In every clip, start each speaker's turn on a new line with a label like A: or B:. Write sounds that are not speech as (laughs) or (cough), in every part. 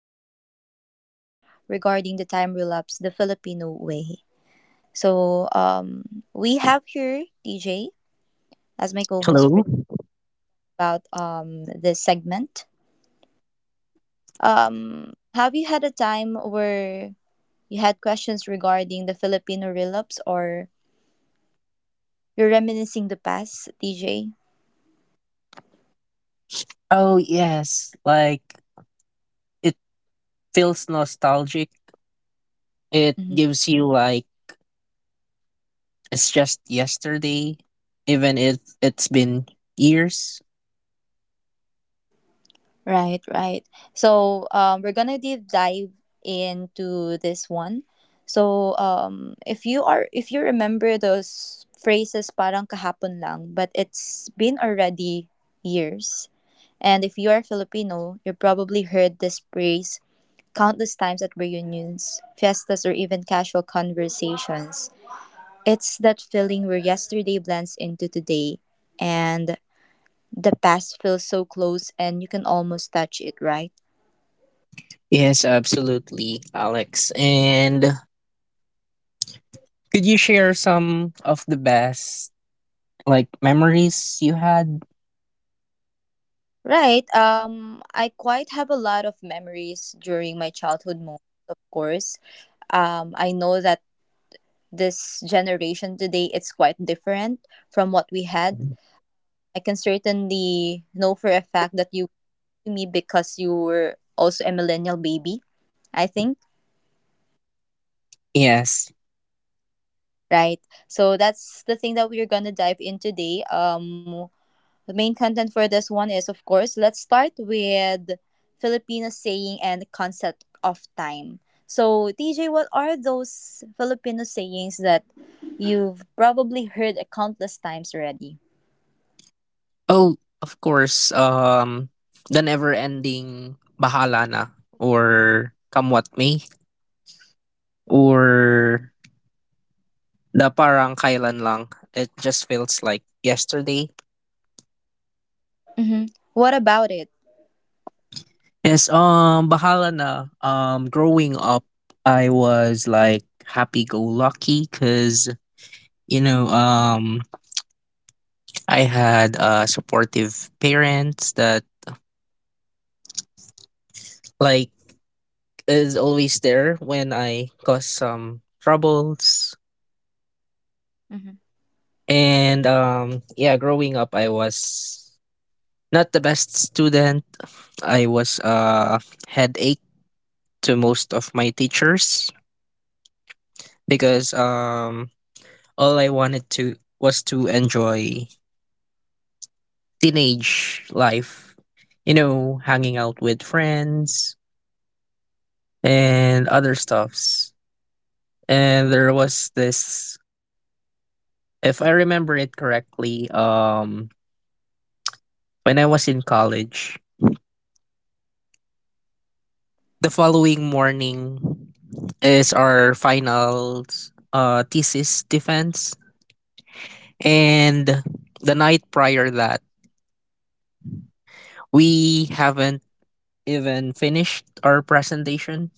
A: is a podcast regarding the time relapse the Filipino way. We have here DJ as my co host for
B: Hello.
A: about this segment. Have you had a time where you had questions regarding the Filipino relapse or you're reminiscing the past, DJ?
B: Oh yes, like it feels nostalgic. It gives you like it's just yesterday, even if it's been years.
A: Right, right. We're gonna deep dive into this one. If you are if you remember those phrases parang kahapon lang, but it's been already years. And if you are Filipino, you probably heard this phrase countless times at reunions, fiestas, or even casual conversations. It's that feeling where yesterday blends into today and the past feels so close and you can almost touch it, right?
B: Yes, absolutely, Alex. And could you share some of the best like memories you had?
A: Right. I quite have a lot of memories during my childhood moments, of course. I know that this generation today it's quite different from what we had. I can certainly know for a fact that you to me because you were also a millennial baby, I think.
B: Yes.
A: Right. So that's the thing that we're gonna dive in today. The main content for this one is, of course, let's start with Filipino saying and concept of time. So, TJ, what are those Filipino sayings that you've probably heard a countless times already?
B: Oh, of course. The never-ending Bahala na or Come What May or The parang kailan lang. It just feels like yesterday.
A: Mm-hmm. What about it?
B: Yes, bahala na. Growing up, I was like happy go lucky because, you know, I had supportive parents that like is always there when I cause some troubles.
A: Mm-hmm.
B: And yeah, growing up, I was not the best student. I was headache to most of my teachers because all I wanted to was to enjoy teenage life, you know, hanging out with friends and other stuffs. And there was this if I remember it correctly, when I was in college, the following morning is our finals thesis defense and the night prior that we haven't even finished our presentation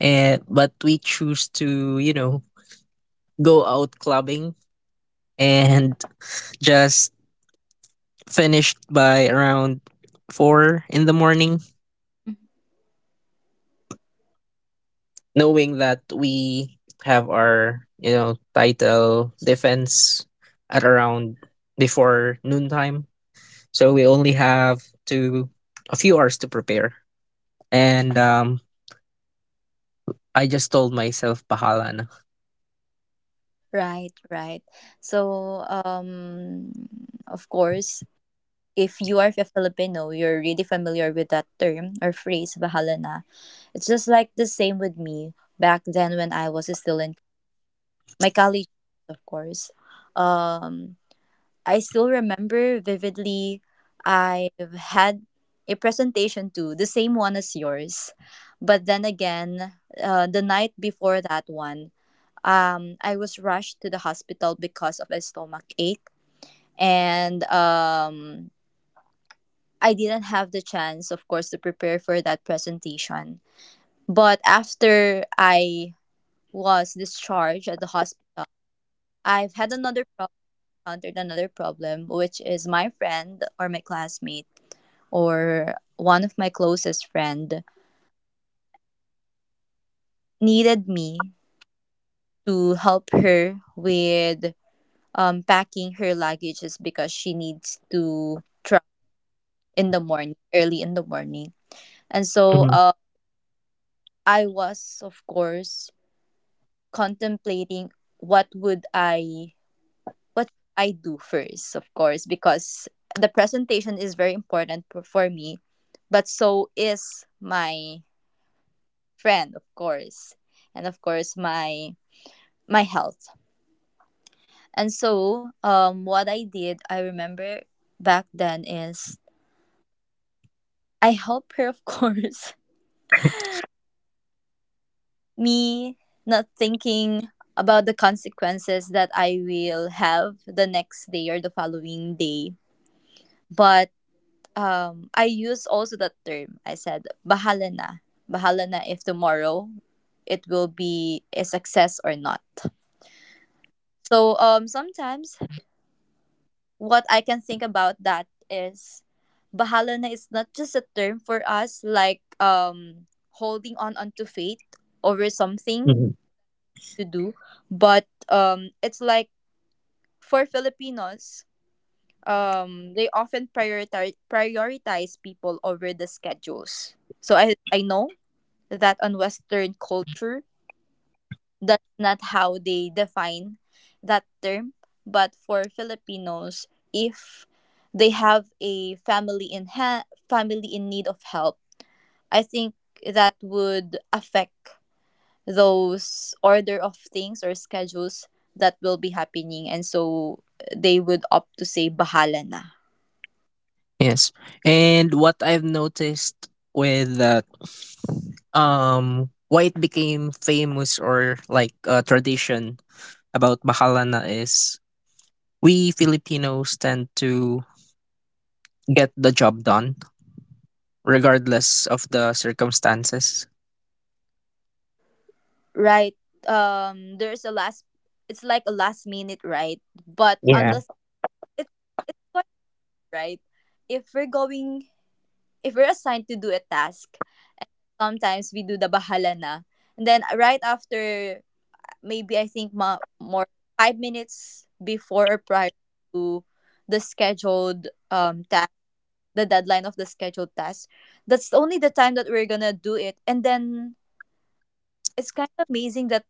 B: and but we choose to, you know, go out clubbing and just finished by around 4 in the morning, knowing that we have our, you know, title defense at around before noontime, so we only have to a few hours to prepare, and I just told myself bahala na.
A: Right, right. So, um, of course, if you are a Filipino, you're really familiar with that term or phrase, bahala na. It's just like the same with me back then when I was still in my college, of course. Um, I still remember vividly. I've had a presentation too, the same one as yours, but then again, the night before that one, I was rushed to the hospital because of a stomach ache, and I didn't have the chance, of course, to prepare for that presentation. But after I was discharged at the hospital, I've had another encountered another problem, which is my friend or my classmate or one of my closest friend needed me to help her with packing her luggages because she needs to travel in the morning, early in the morning. And so
B: Mhm,
A: I was, of course, contemplating what would I, what should I do first, of course, because the presentation is very important for me but so is my friend, of course, and of course my health. What I did, I remember back then is I helped her, of (laughs) course. Me not thinking about the consequences that I will have the next day or the following day, but I use also that term. I said, bahala na if tomorrow it will be a success or not." Sometimes what I can think about that is bahala na is not just a term for us like holding on onto faith over something
B: mhm.
A: to do, but it's like for Filipinos, they often prioritize people over the schedules. So I know that on Western culture that's not how they define that term. But for Filipinos, if they have a family in need of help, I think that would affect those order of things or schedules that will be happening, and so they would opt to say bahala na.
B: Yes. And what I've noticed with that why it became famous or like a tradition about Bahalana is we Filipinos tend to get the job done regardless of the circumstances.
A: Right. There's a last, it's like a last minute, right? but
B: Yeah.
A: unless it, It's quite right. If we're going if we're assigned to do a task, sometimes we do the bahala na, and then right after, maybe I think more 5 minutes before or prior to the scheduled task, the deadline of the scheduled task, that's only the time that we're gonna do it, and then it's kind of amazing that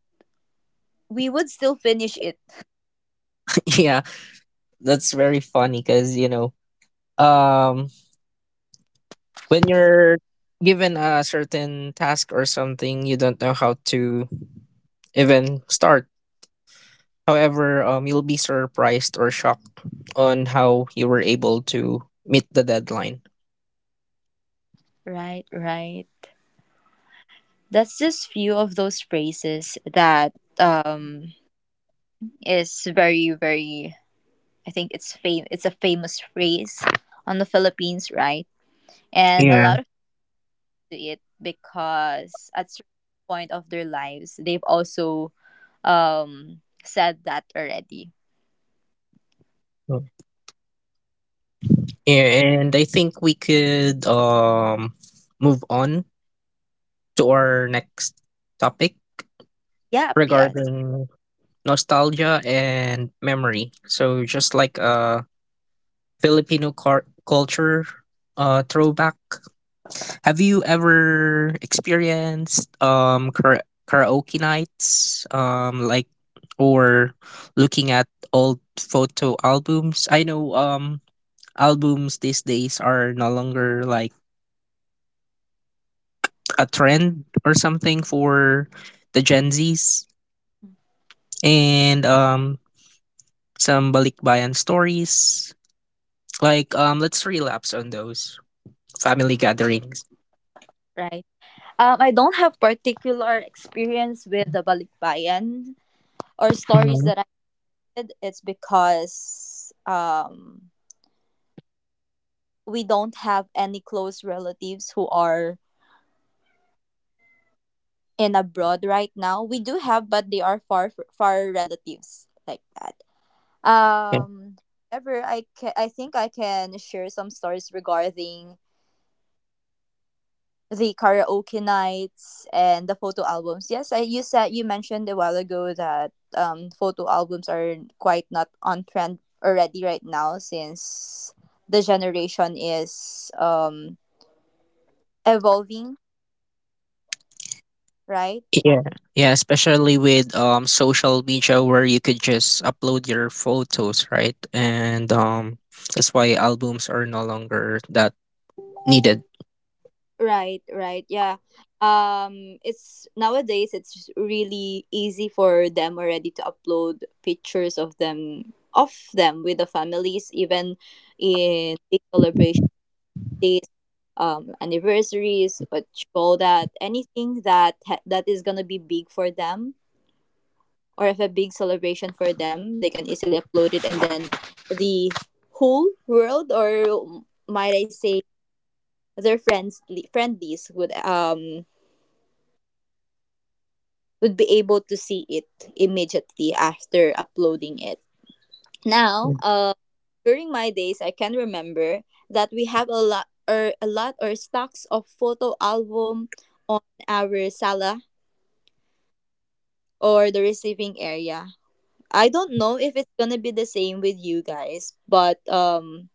A: we would still finish it.
B: (laughs) Yeah, that's very funny cuz you know, um when you're given a certain task or something, you don't know how to even start. However, you'll be surprised or shocked on how you were able to meet the deadline.
A: Right, right. That's just few of those phrases that um is very I think it's a famous phrase on the Philippines, right? And a
B: Yeah.
A: lot of people do it because at certain point of their lives they've also said that already.
B: Mm. And I think we could move on to our next topic
A: Yep, yes,
B: regarding nostalgia and memory. So just like a Filipino culture throwback. Have you ever experienced karaoke nights like or looking at old photo albums? I know albums these days are no longer like a trend or something for the Gen Zs, and some balikbayan stories. Like let's relapse on those family gatherings.
A: right. I don't have particular experience with the balikbayan or stories
B: Mhm.
A: that I did. It's because um we don't have any close relatives who are in abroad right now. We do have, but they are far relatives like that. Um, however, I think I can share some stories regarding the karaoke nights and the photo albums. Yes, I you said you mentioned a while ago that photo albums are quite not on trend already right now since the generation is evolving, right?
B: Yeah, yeah, especially with social media where you could just upload your photos, right? And that's why albums are no longer that needed.
A: Right, right. Yeah. It's nowadays it's really easy for them already to upload pictures of them with the families even in big celebration days, anniversaries, what you call that, anything that is going to be big for them or if a big celebration for them, they can easily upload it, and then the whole world or might I say their friends friendlies would be able to see it immediately after uploading it. Now, during my days, I can remember that we have a lot or stocks of photo album on our sala or the receiving area. I don't know if it's gonna be the same with you guys, but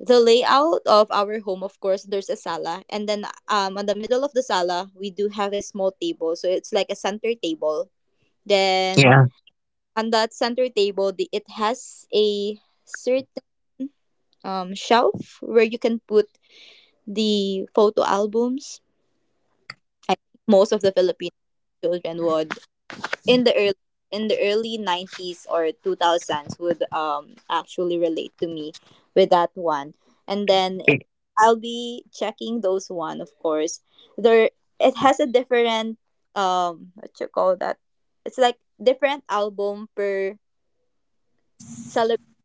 A: the layout of our home, of course, there's a sala, and then on the middle of the sala we do have a small table so it's like a center table. Then
B: Yeah.
A: on that center table, it has a certain shelf where you can put the photo albums. I think most of the Filipino children would in the early 90s or 2000s would actually relate to me with that one. And then
B: i-
A: I'll be checking those one of course. There, it has a different what you call that, it's like different album per celebration.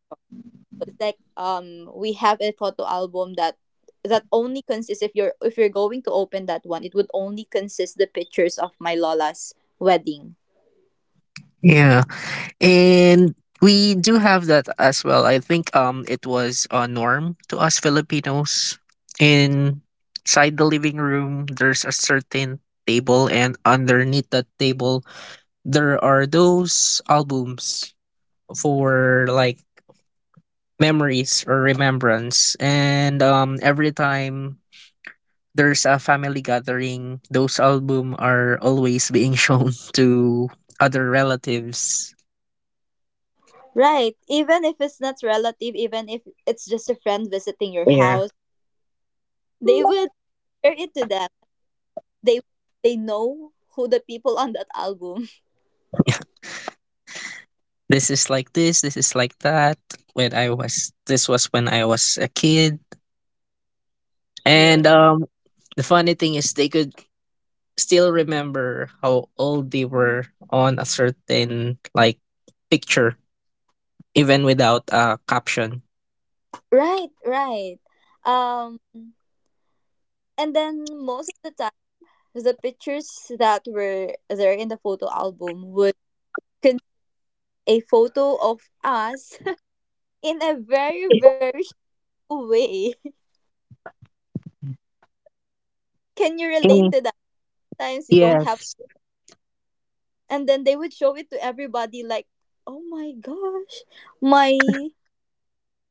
A: Like we have a photo album that that only consists, if you're going to open that one, it would only consist the pictures of my lola's wedding.
B: Yeah. And we do have that as well. I think it was a norm to us Filipinos. Inside the living room, there's a certain table and underneath that table there are those albums for like memories or remembrance. And every time there's a family gathering, those album are always being shown (laughs) to other relatives.
A: Right, even if it's not relative, even if it's just a friend visiting your
B: Yeah.
A: house, they would share it to them. They they know who the people on that album.
B: This is like this is like that. When I was This was when I was a kid.
A: (laughs) Yeah,
B: And the funny thing is they could still remember how old they were on a certain like picture even without a caption.
A: right, right. um and then most of the time the pictures that were there in the photo album would a photo of us (laughs) in a very,
B: (laughs)
A: very shallow way. (laughs) Can you relate
B: Mm,
A: to that? Times you don't have,
B: yes.
A: and then they would show it to everybody like, oh my gosh, my,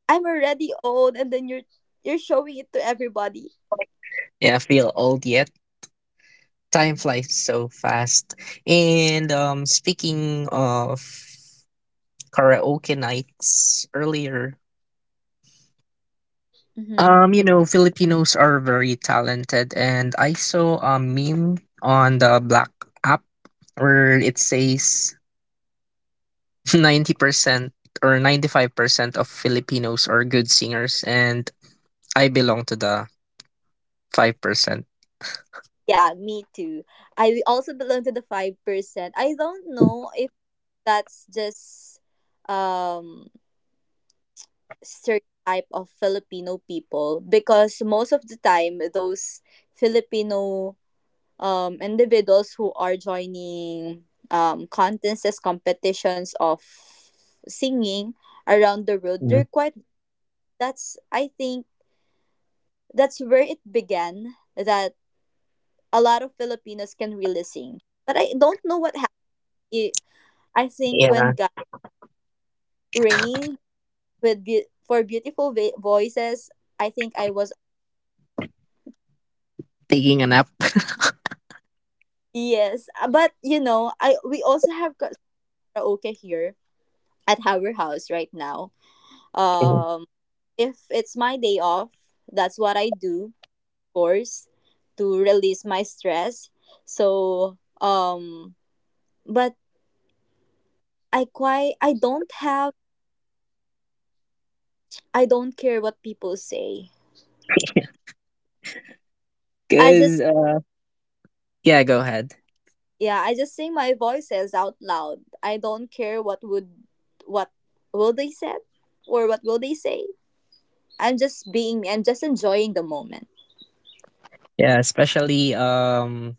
A: I'm already old, and then you're showing it to everybody.
B: Yeah, I feel old yet. Time flies so fast. And speaking of karaoke nights earlier,
A: Hmm.
B: you know, Filipinos are very talented, and I saw a meme on the Black app where it says (laughs) 90% or 95% of Filipinos are good singers, and I belong to the 5%.
A: Yeah, me too. I also belong to the 5%. I don't know if that's just um stereotype of Filipino people because most of the time those Filipino individuals who are joining contests, competitions of singing around the world.
B: Mm.
A: They're quite, that's, I think, that's where it began that a lot of Filipinos can really sing. But I don't know what happened. I think
B: Yeah,
A: when God rained for beautiful voices, I think I was,
B: taking a nap. (laughs)
A: yes. But you know, I we also have karaoke here at our house right now. Um. If it's my day off, that's what I do, of course, to release my stress. So, um, but I quite, I don't have, I don't care what people say. I
B: Cause
A: just
B: yeah, go ahead.
A: Yeah, I just sing my voices out loud. I don't care what would what will they said or what will they say. I'm just being me. I'm just enjoying the moment.
B: Yeah, especially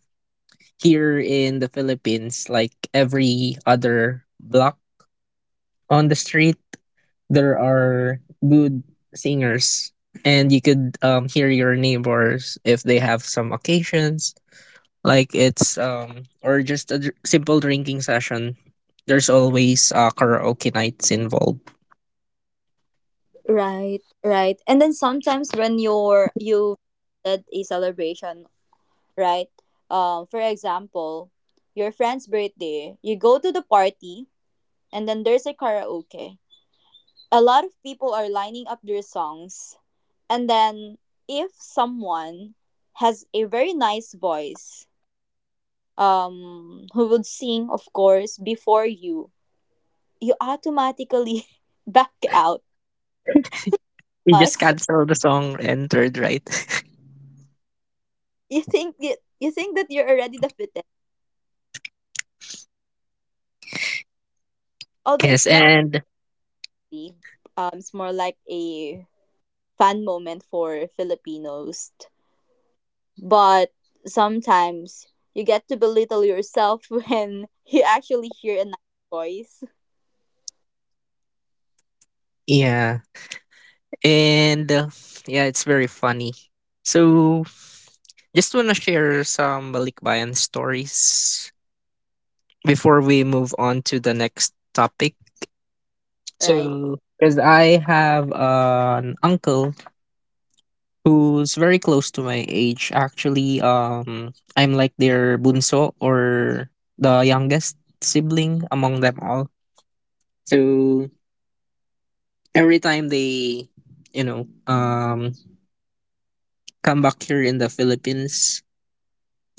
B: here in the Philippines, like every other block on the street, there are good singers, and you could hear your neighbors if they have some occasions, like it's or just a simple drinking session. There's always karaoke nights involved.
A: Right, right. And then sometimes when you did a celebration, right? For example, your friend's birthday, you go to the party, and then there's a karaoke. A lot of people are lining up their songs, and then if someone has a very nice voice, who would sing of course before you, you automatically (laughs) back out
B: We just
A: us.
B: cancel the song entered, right?
A: You think that you're already the,
B: (laughs)
A: although
B: Yes,
A: it's not really, it's more like a fan moment for Filipinos. But sometimes you get to belittle yourself (laughs) when you actually hear a nice voice,
B: yeah, and yeah, it's very funny. So just want to share some Balikbayan stories before we move on to the next topic.
A: right?
B: So, because I have an uncle who's very close to my age. Actually, I'm like their bunso or the youngest sibling among them all. So every time they, you know, come back here in the Philippines,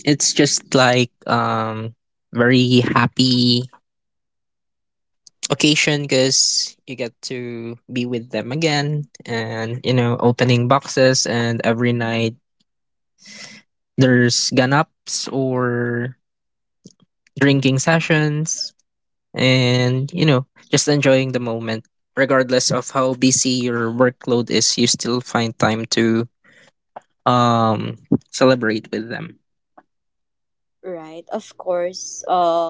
B: it's just like very happy occasion because you get to be with them again, and you know, opening boxes, and every night there's ganaps or drinking sessions, and you know, just enjoying the moment regardless of how busy your workload is. You still find time to um celebrate with them.
A: Right, of course.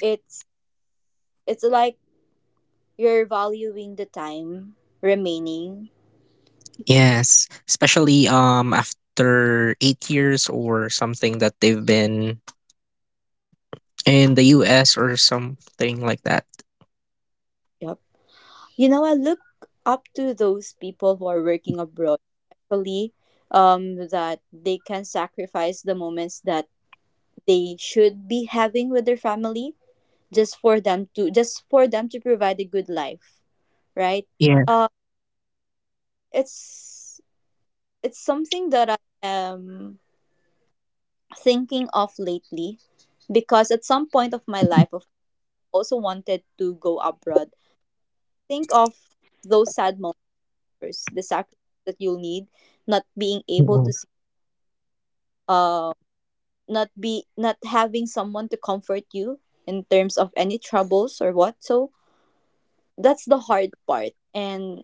A: it's it's like you're valuing the time remaining.
B: Yes, especially after 8 years or something that they've been in the US or something like that.
A: Yep. You know, I look up to those people who are working abroad, especially that they can sacrifice the moments that they should be having with their family just for them to provide a good life, right? uh it's it's something that I am thinking of lately because at some point of my life I also wanted to go abroad. Think of those sad moments, the sacrifice that you'll need, not being able to
B: Mm.
A: see, uh, not having someone to comfort you in terms of any troubles or what so. That's the hard part. And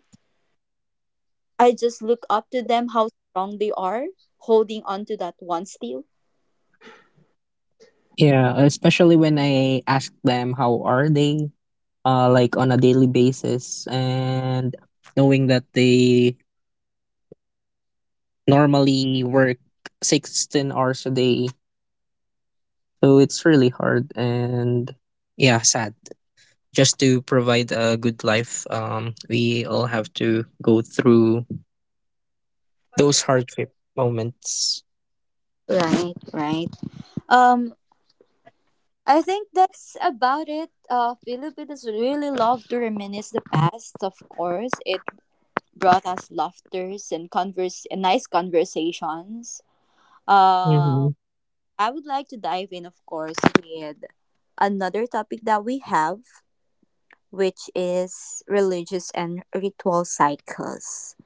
A: I just look up to them, how strong they are holding on to that one steel.
B: Yeah, especially when I ask them how are they, like on a daily basis, and knowing that they normally work 16 hours a day, so it's really hard and yeah, sad. Just to provide a good life, we all have to go through those hardship moments.
A: Right, right. Um, I think that's about it. Filipinos really love to reminisce the past. Of course, it brought us laughters and converse, and nice conversations. Uh,
B: Hmm.
A: I would like to dive in, of course, with another topic that we have, which is religious and ritual cycles.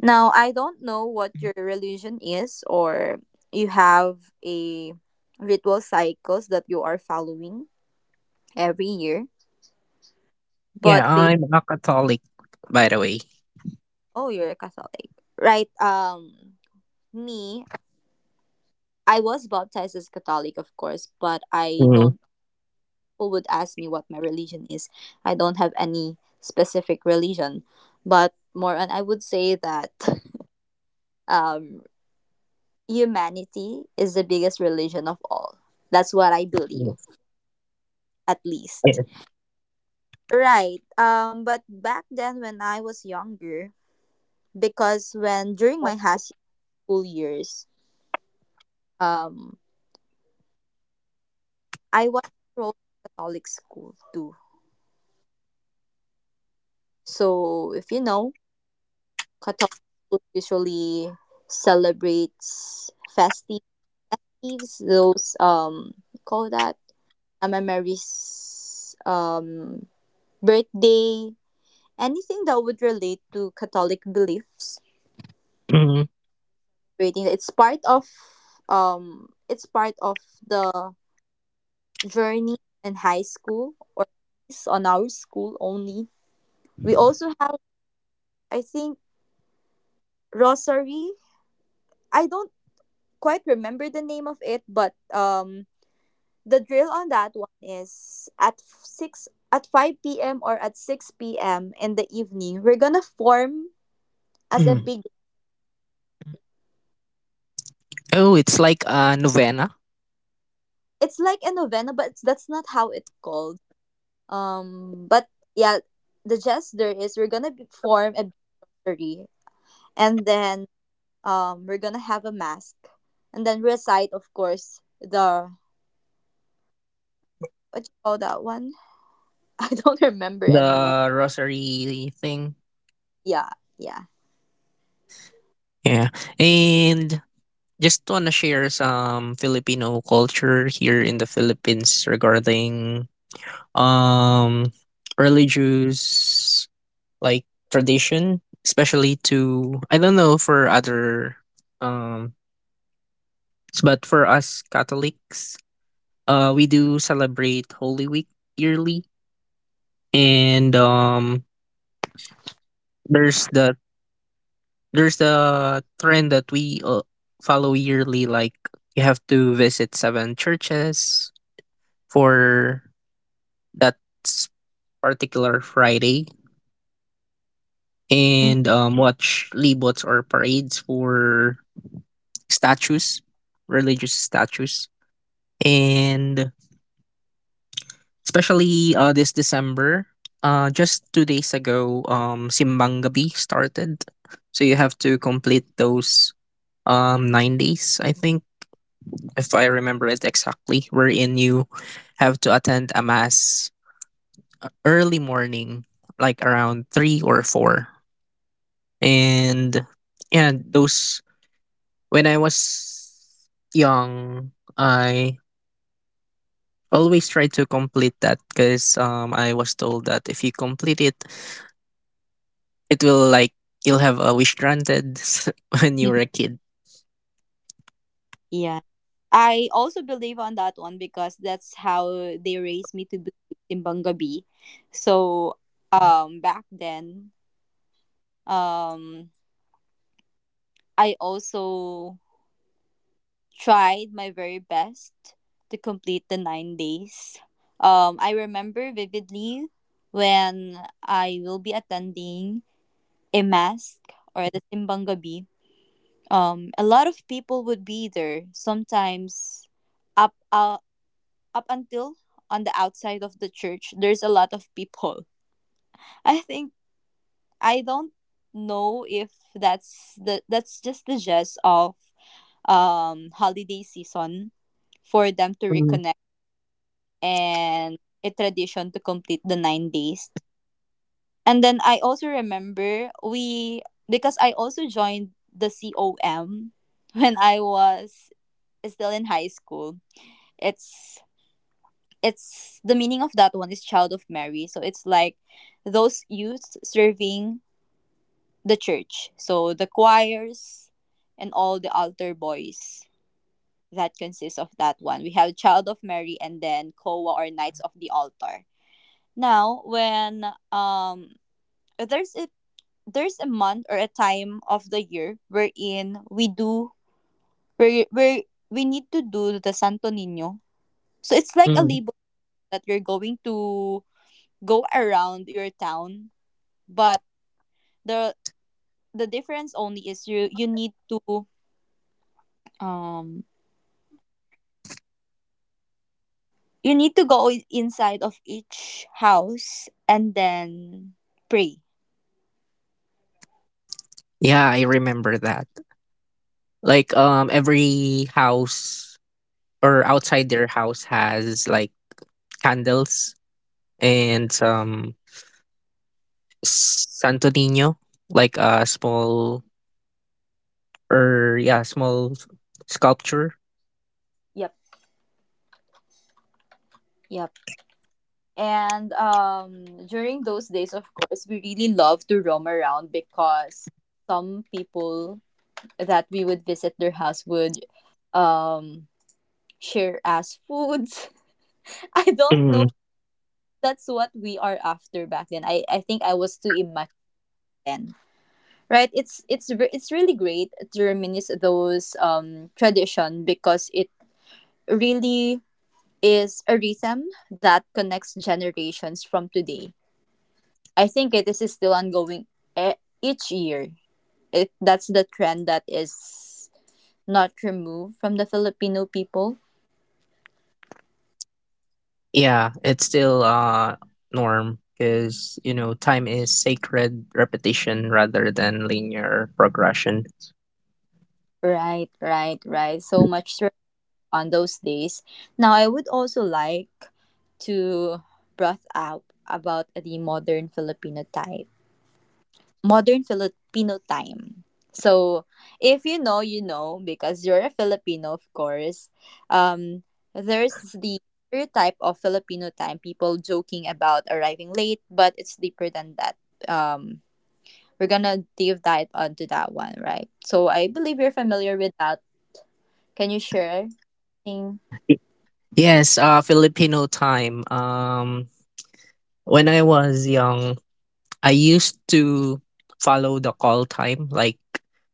A: Now, I don't know what your religion is, or you have a ritual cycles that you are following every year,
B: Yeah,
A: but based.
B: I'm a Catholic, by the way.
A: Oh, you're a Catholic. Right. Me, I was baptized as Catholic, of course, but I
B: Mm.
A: don't, people would ask me what my religion is. I don't have any specific religion, but more on, I would say that (laughs) um humanity is the biggest religion of all. That's what I believe, at least.
B: Yeah.
A: Right. But back then when I was younger, because when during my high school years, um, I was enrolled in Catholic school too. So if you know, Catholic school usually celebrates festives, those call that, memories, birthday, anything that would relate to Catholic beliefs.
B: Mhm.
A: Reading, it's part of the journey in high school, or it's on our school only. We also have, I think, rosary. I don't quite remember the name of it, but the drill on that one is at 6, at 5 p.m, or at 6 p.m, in the evening we're gonna form as a big.
B: (clears throat) Oh, it's like a novena.
A: It's like a novena, but that's not how it called. But yeah, the gesture is we're gonna form a victory, and then we're gonna have a mask, and then recite, of course, the, what you call that one? (laughs) I don't remember anymore.
B: The rosary thing.
A: Yeah, yeah.
B: Yeah. And just wanna share some Filipino culture here in the Philippines regarding um religious like tradition, especially to I don't know for other um but for us Catholics, we do celebrate Holy Week yearly, and there's the there's a trend that we follow yearly, like you have to visit seven churches for that s- particular Friday,
A: Mm.
B: and watch libots or parades for statues, religious statues. And especially this December, just 2 days ago, simbang gabi started, so you have to complete those 9 days, I think, if I remember it exactly, wherein you have to attend a mass early morning, like around three or four. And yeah, those when I was young, I always try to complete that because I was told that if you complete it, it will like you'll have a wish granted (laughs) when you were a
A: (laughs)
B: kid.
A: Yeah. I also believe on that one because that's how they raised me to believe timbang gabi. So, back then, um I also tried my very best to complete the 9 days. I remember vividly when I will be attending a mass or the Simbang Gabi. A lot of people would be there, sometimes up, uh, up until on the outside of the church, there's a lot of people. (laughs) I think I don't know if that's the that's just the gist of holiday season for them to
B: Mm,
A: reconnect, and a tradition to complete the 9 days. And then I also remember we because I also joined the COM (laughs) when I was still in high school. It's it's the meaning of that one is child of Mary. So it's like those youths serving the church. So the choirs and all the altar boys that consists of that one. We have Child of Mary, and then Koa, or Knights of the Altar. Now, when, um there's a there's a month or a time of the year wherein we do, where we need to do the Santo Nino. So it's like a
B: mm.
A: label that you're going to go around your town, but the the difference only is um you need to go inside of each house and then pray.
B: Yeah, I remember that. Like every house or outside their house has like candles and some Santo Nino, like a small, or yeah, small sculpture.
A: Yep. Yep. And during those days, of course, we really love to roam around because some people that we would visit their house would, um, share us foods. (laughs) I don't
B: Mhm.
A: know. But that's what we are after back then. I think I was too immature then. Right? It's it's really great to reminisce those tradition, because it really is a rhythm that connects generations from today. I think this is still ongoing each year. It that's the trend that is not removed from the Filipino people.
B: Yeah, it's still norm because you know time is sacred repetition rather than linear progression.
A: Right, right, right. So much to on those days. Now I would also like to brought up about the modern Filipino type. Modern Filipino time. So, if you know, you know, because you're a Filipino, of course. Um, there's the stereotype of Filipino time, people joking about arriving late, but it's deeper than that. Um, we're gonna deep dive onto that one, right? So, I believe you're familiar with that. Can you share? Thing? (laughs)
B: Yes, Filipino time. When I was young, I used to follow the call time, like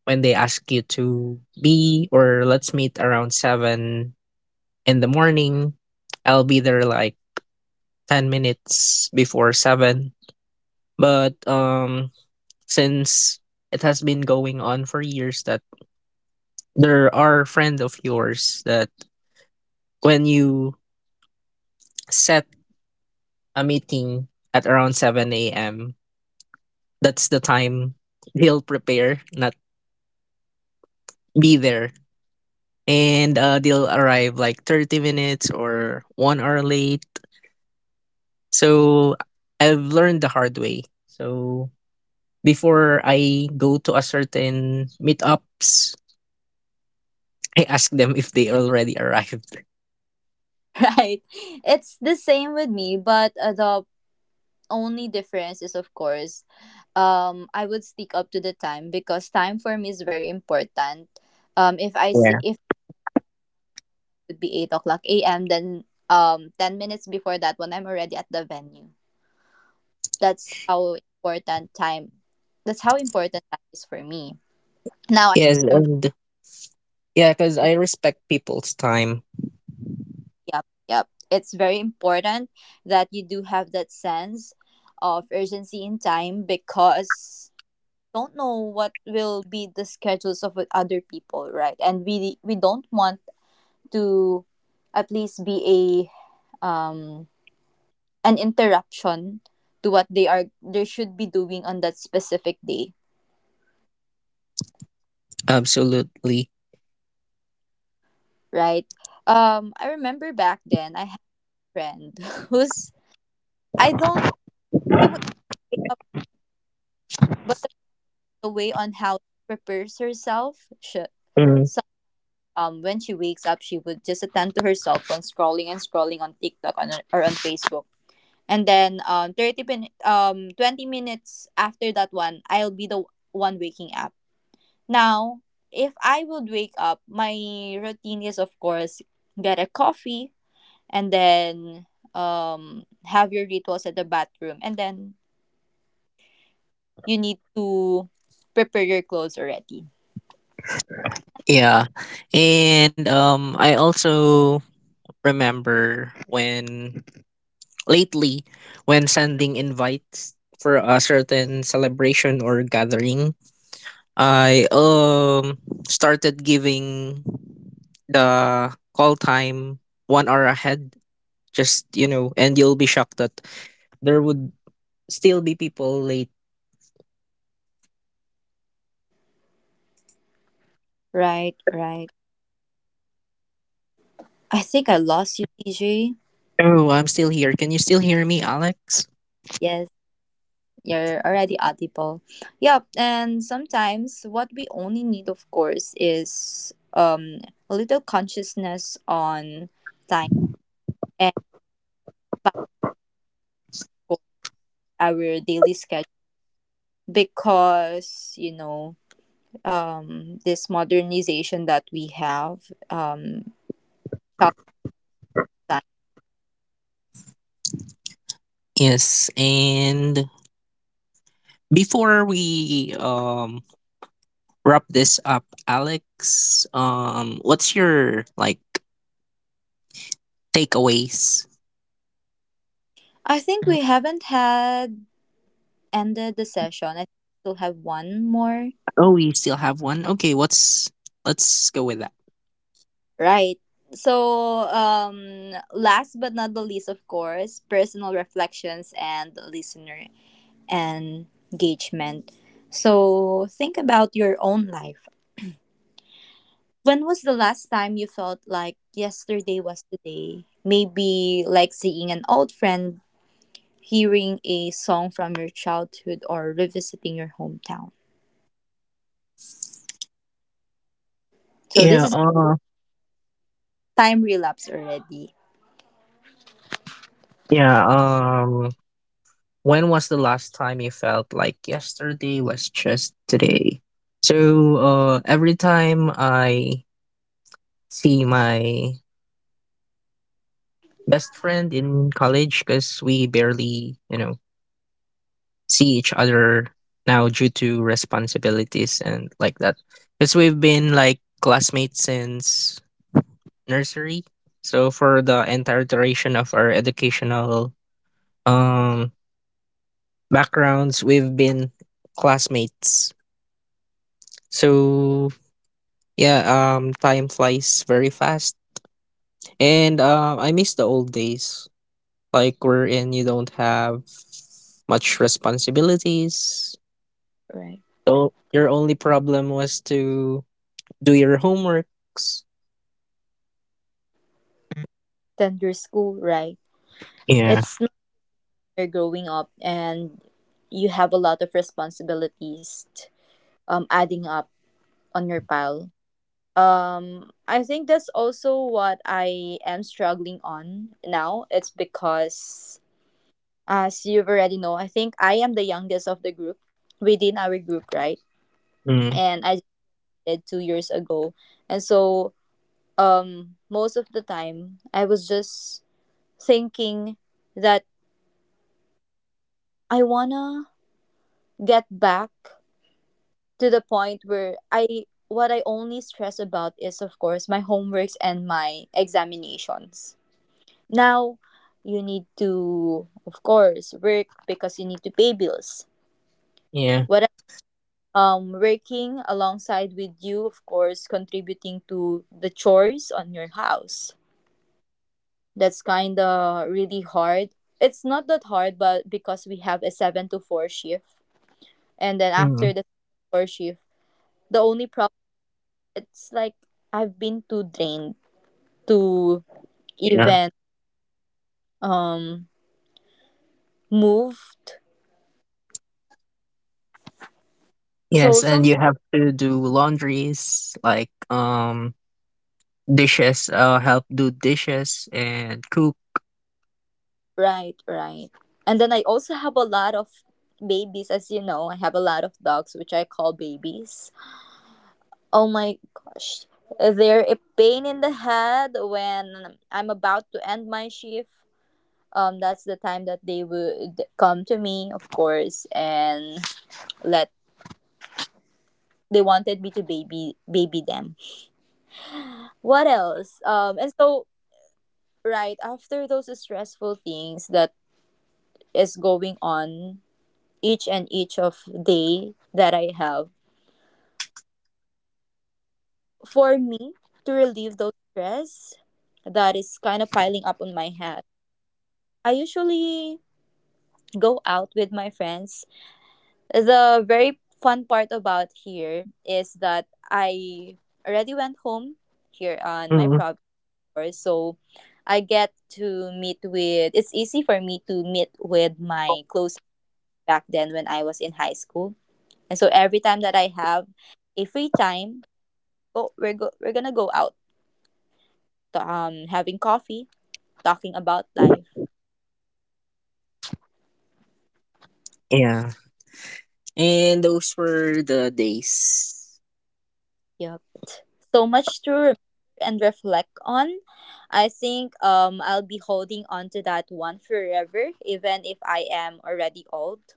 B: when they ask you to be or let's meet around 7 in the morning. I'll be there like 10 minutes before 7. But since it has been going on for years that there are friend of yours that when you set a meeting at around seven a.m., that's the time he'll prepare, not be there, and they'll arrive like 30 minutes or 1 hour late. So I've learned the hard way. So before I go to a certain meetups, (laughs) I ask them if they already arrived.
A: Right, it's the same with me, but the only difference is, of course, I would stick up to the time, because time for me is very important. If I see
B: Yeah.
A: if it would be 8 o'clock a.m., then 10 minutes before that, when I'm already at the venue. That's how important time that's how important time is for me. Now I
B: Yes,
A: remember,
B: and yeah, because I respect people's time.
A: yep, yep. It's very important that you do have that sense of urgency in time, because don't know what will be the schedules of with other people, right? And we don't want to at least be a um an interruption to what they should be doing on that specific day,
B: Absolutely.
A: right? I remember back then I had a friend (laughs) who's I don't he would wake up, but the way on how she prepares herself, she,
B: Hmm.
A: so, when she wakes up, she would just attend to her cell phone, scrolling and scrolling on TikTok, or on Facebook, and then 30 20 minutes after that one, I'll be the one waking up. Now, if I would wake up, my routine is, of course, get a coffee, and then have your rituals at the bathroom, and then you need to prepare your clothes already.
B: Yeah. And I also remember when lately, when sending invites for a certain celebration or gathering, I started giving the call time 1 hour ahead. Just you know, and you'll be shocked that there would still be people late.
A: Right, right. I think I lost you, DJ.
B: Oh, I'm still here. Can you still hear me, Alex?
A: You're already audible. Yep. And sometimes what we only need, of course, is, a little consciousness on time and about our daily schedule, because, you know, this modernization that we have, challenge time.
B: Yes. And before we wrap this up, Alex, what's your like takeaways.
A: I think we haven't had ended the session. I think we still have one more.
B: Oh, we still have one. Okay, what's let's go with that.
A: Right. So, last but not the least, of course, personal reflections and listener engagement. So, think about your own life. When was the last time you felt like yesterday was today? Maybe like seeing an old friend, hearing a song from your childhood, or revisiting your hometown. So, this
B: Yeah,
A: is time relapse already.
B: yeah, when was the last time you felt like yesterday was just today? So, every time I see my best friend in college, because we barely, you know, see each other now due to responsibilities and like that. Because we've been like classmates since nursery. So, for the entire duration of our educational um backgrounds, we've been classmates, so yeah, time flies very fast, and I miss the old days, like wherein you don't have much responsibilities,
A: Right.
B: so your only problem was to do your homeworks.
A: Then your school, right?
B: Yeah.
A: It's, you're growing up and you have a lot of responsibilities adding up on your pile. I think that's also what I am struggling on now. It's because, as you've already know, I think I am the youngest of the group within our group, right?
B: Mm,
A: And I did 2 years ago. And so, most of the time I was just thinking that I wanna get back to the point where I what I only stress about is, of course, my homeworks and my examinations. Now you need to, of course, work because you need to pay bills.
B: yeah.
A: What else? Working alongside with you, of course, contributing to the chores on your house. That's kind of really hard. It's not that hard, but because we have a 7 to 4 shift, and then
B: Mm,
A: after the 4 shift, the only problem, it's like I've been too drained to
B: yeah.
A: even um moved.
B: Yes,
A: So
B: and
A: some.
B: you have to do laundries like dishes, help do dishes and cook.
A: Right, right. And then I also have a lot of babies, as you know. I have a lot of dogs which I call babies. Oh my gosh. They're a pain in the head when I'm about to end my shift. That's the time that they would come to me, of course, and let they wanted me to baby them. What else? And so right after those stressful things that is going on each and each of day that I have, for me to relieve those stress that is kind of piling up on my head, I usually go out with my friends. The very fun part about here is that I already went home here on my province, so I get to meet with it's easy for me to meet with my close, back then when I was in high school. And so every time that I have a free time, we're gonna go out, having coffee, talking about life.
B: Yeah. And those were the days.
A: Yep. So much to remember and reflect on. I think I'll be holding on to that one forever, even if I am already old.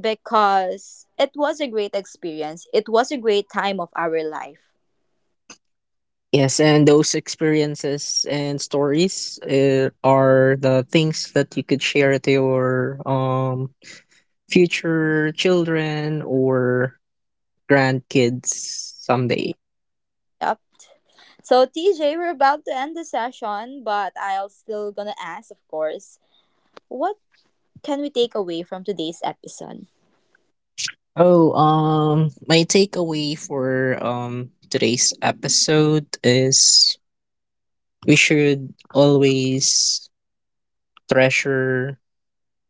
A: Because it was a great experience. It was a great time of our life.
B: Yes, and those experiences and stories are the things that you could share to your future children or grandkids someday.
A: Yep. So, TJ, we're about to end the session, but I'll still gonna ask, of course, what can we take away from today's episode?
B: Oh, my takeaway for today's episode is we should always treasure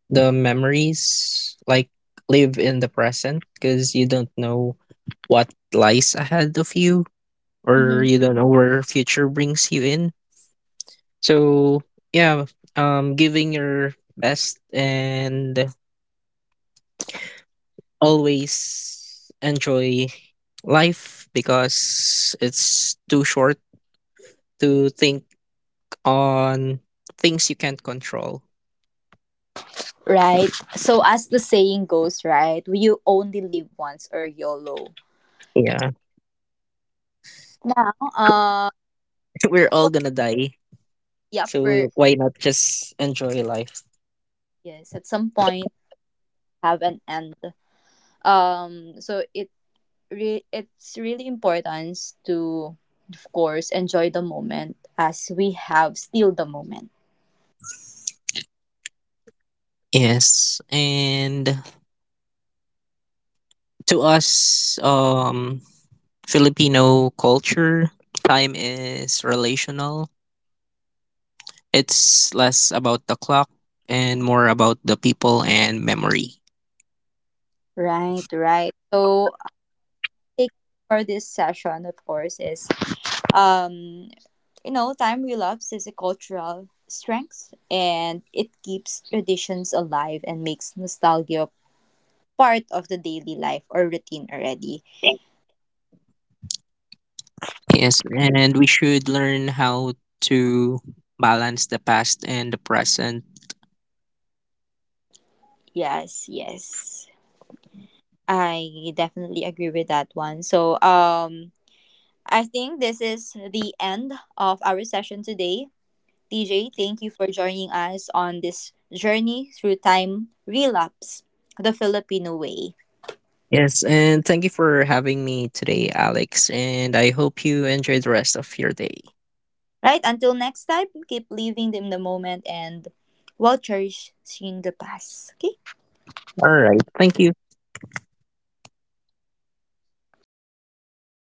B: the memories, like live in the present because you don't know what lies ahead of you, or
A: Mm-hmm.
B: you don't know where future brings you in, so yeah, giving your best and always enjoy life because it's too short to think on things you can't control.
A: Right. So, as the saying goes, right, you only live once, or YOLO.
B: Yeah.
A: Now,
B: (laughs) We're all
A: for-
B: gonna die,
A: yeah, for
B: so why not just enjoy life.
A: yes, at some point have an end. So it's really important to, of course, enjoy the moment as we have still the moment.
B: Yes, and to us, Filipino culture, time is relational. It's less about the clock and more about the people and memory.
A: Right, right. So, take for this session, of course, is um time relapse is a cultural strength, and it keeps traditions alive and makes nostalgia part of the daily life or routine already.
B: Yes, and we should learn how to balance the past and the present.
A: Yes, yes. I definitely agree with that one. So, I think this is the end of our session today. TJ, thank you for joining us on this journey through time relapse, the Filipino way.
B: Yes, and thank you for having me today, Alex. And I hope you enjoy the rest of your day.
A: Right? Until next time, keep living in the moment and while cherishing the past. Okay?
B: All right. Thank you.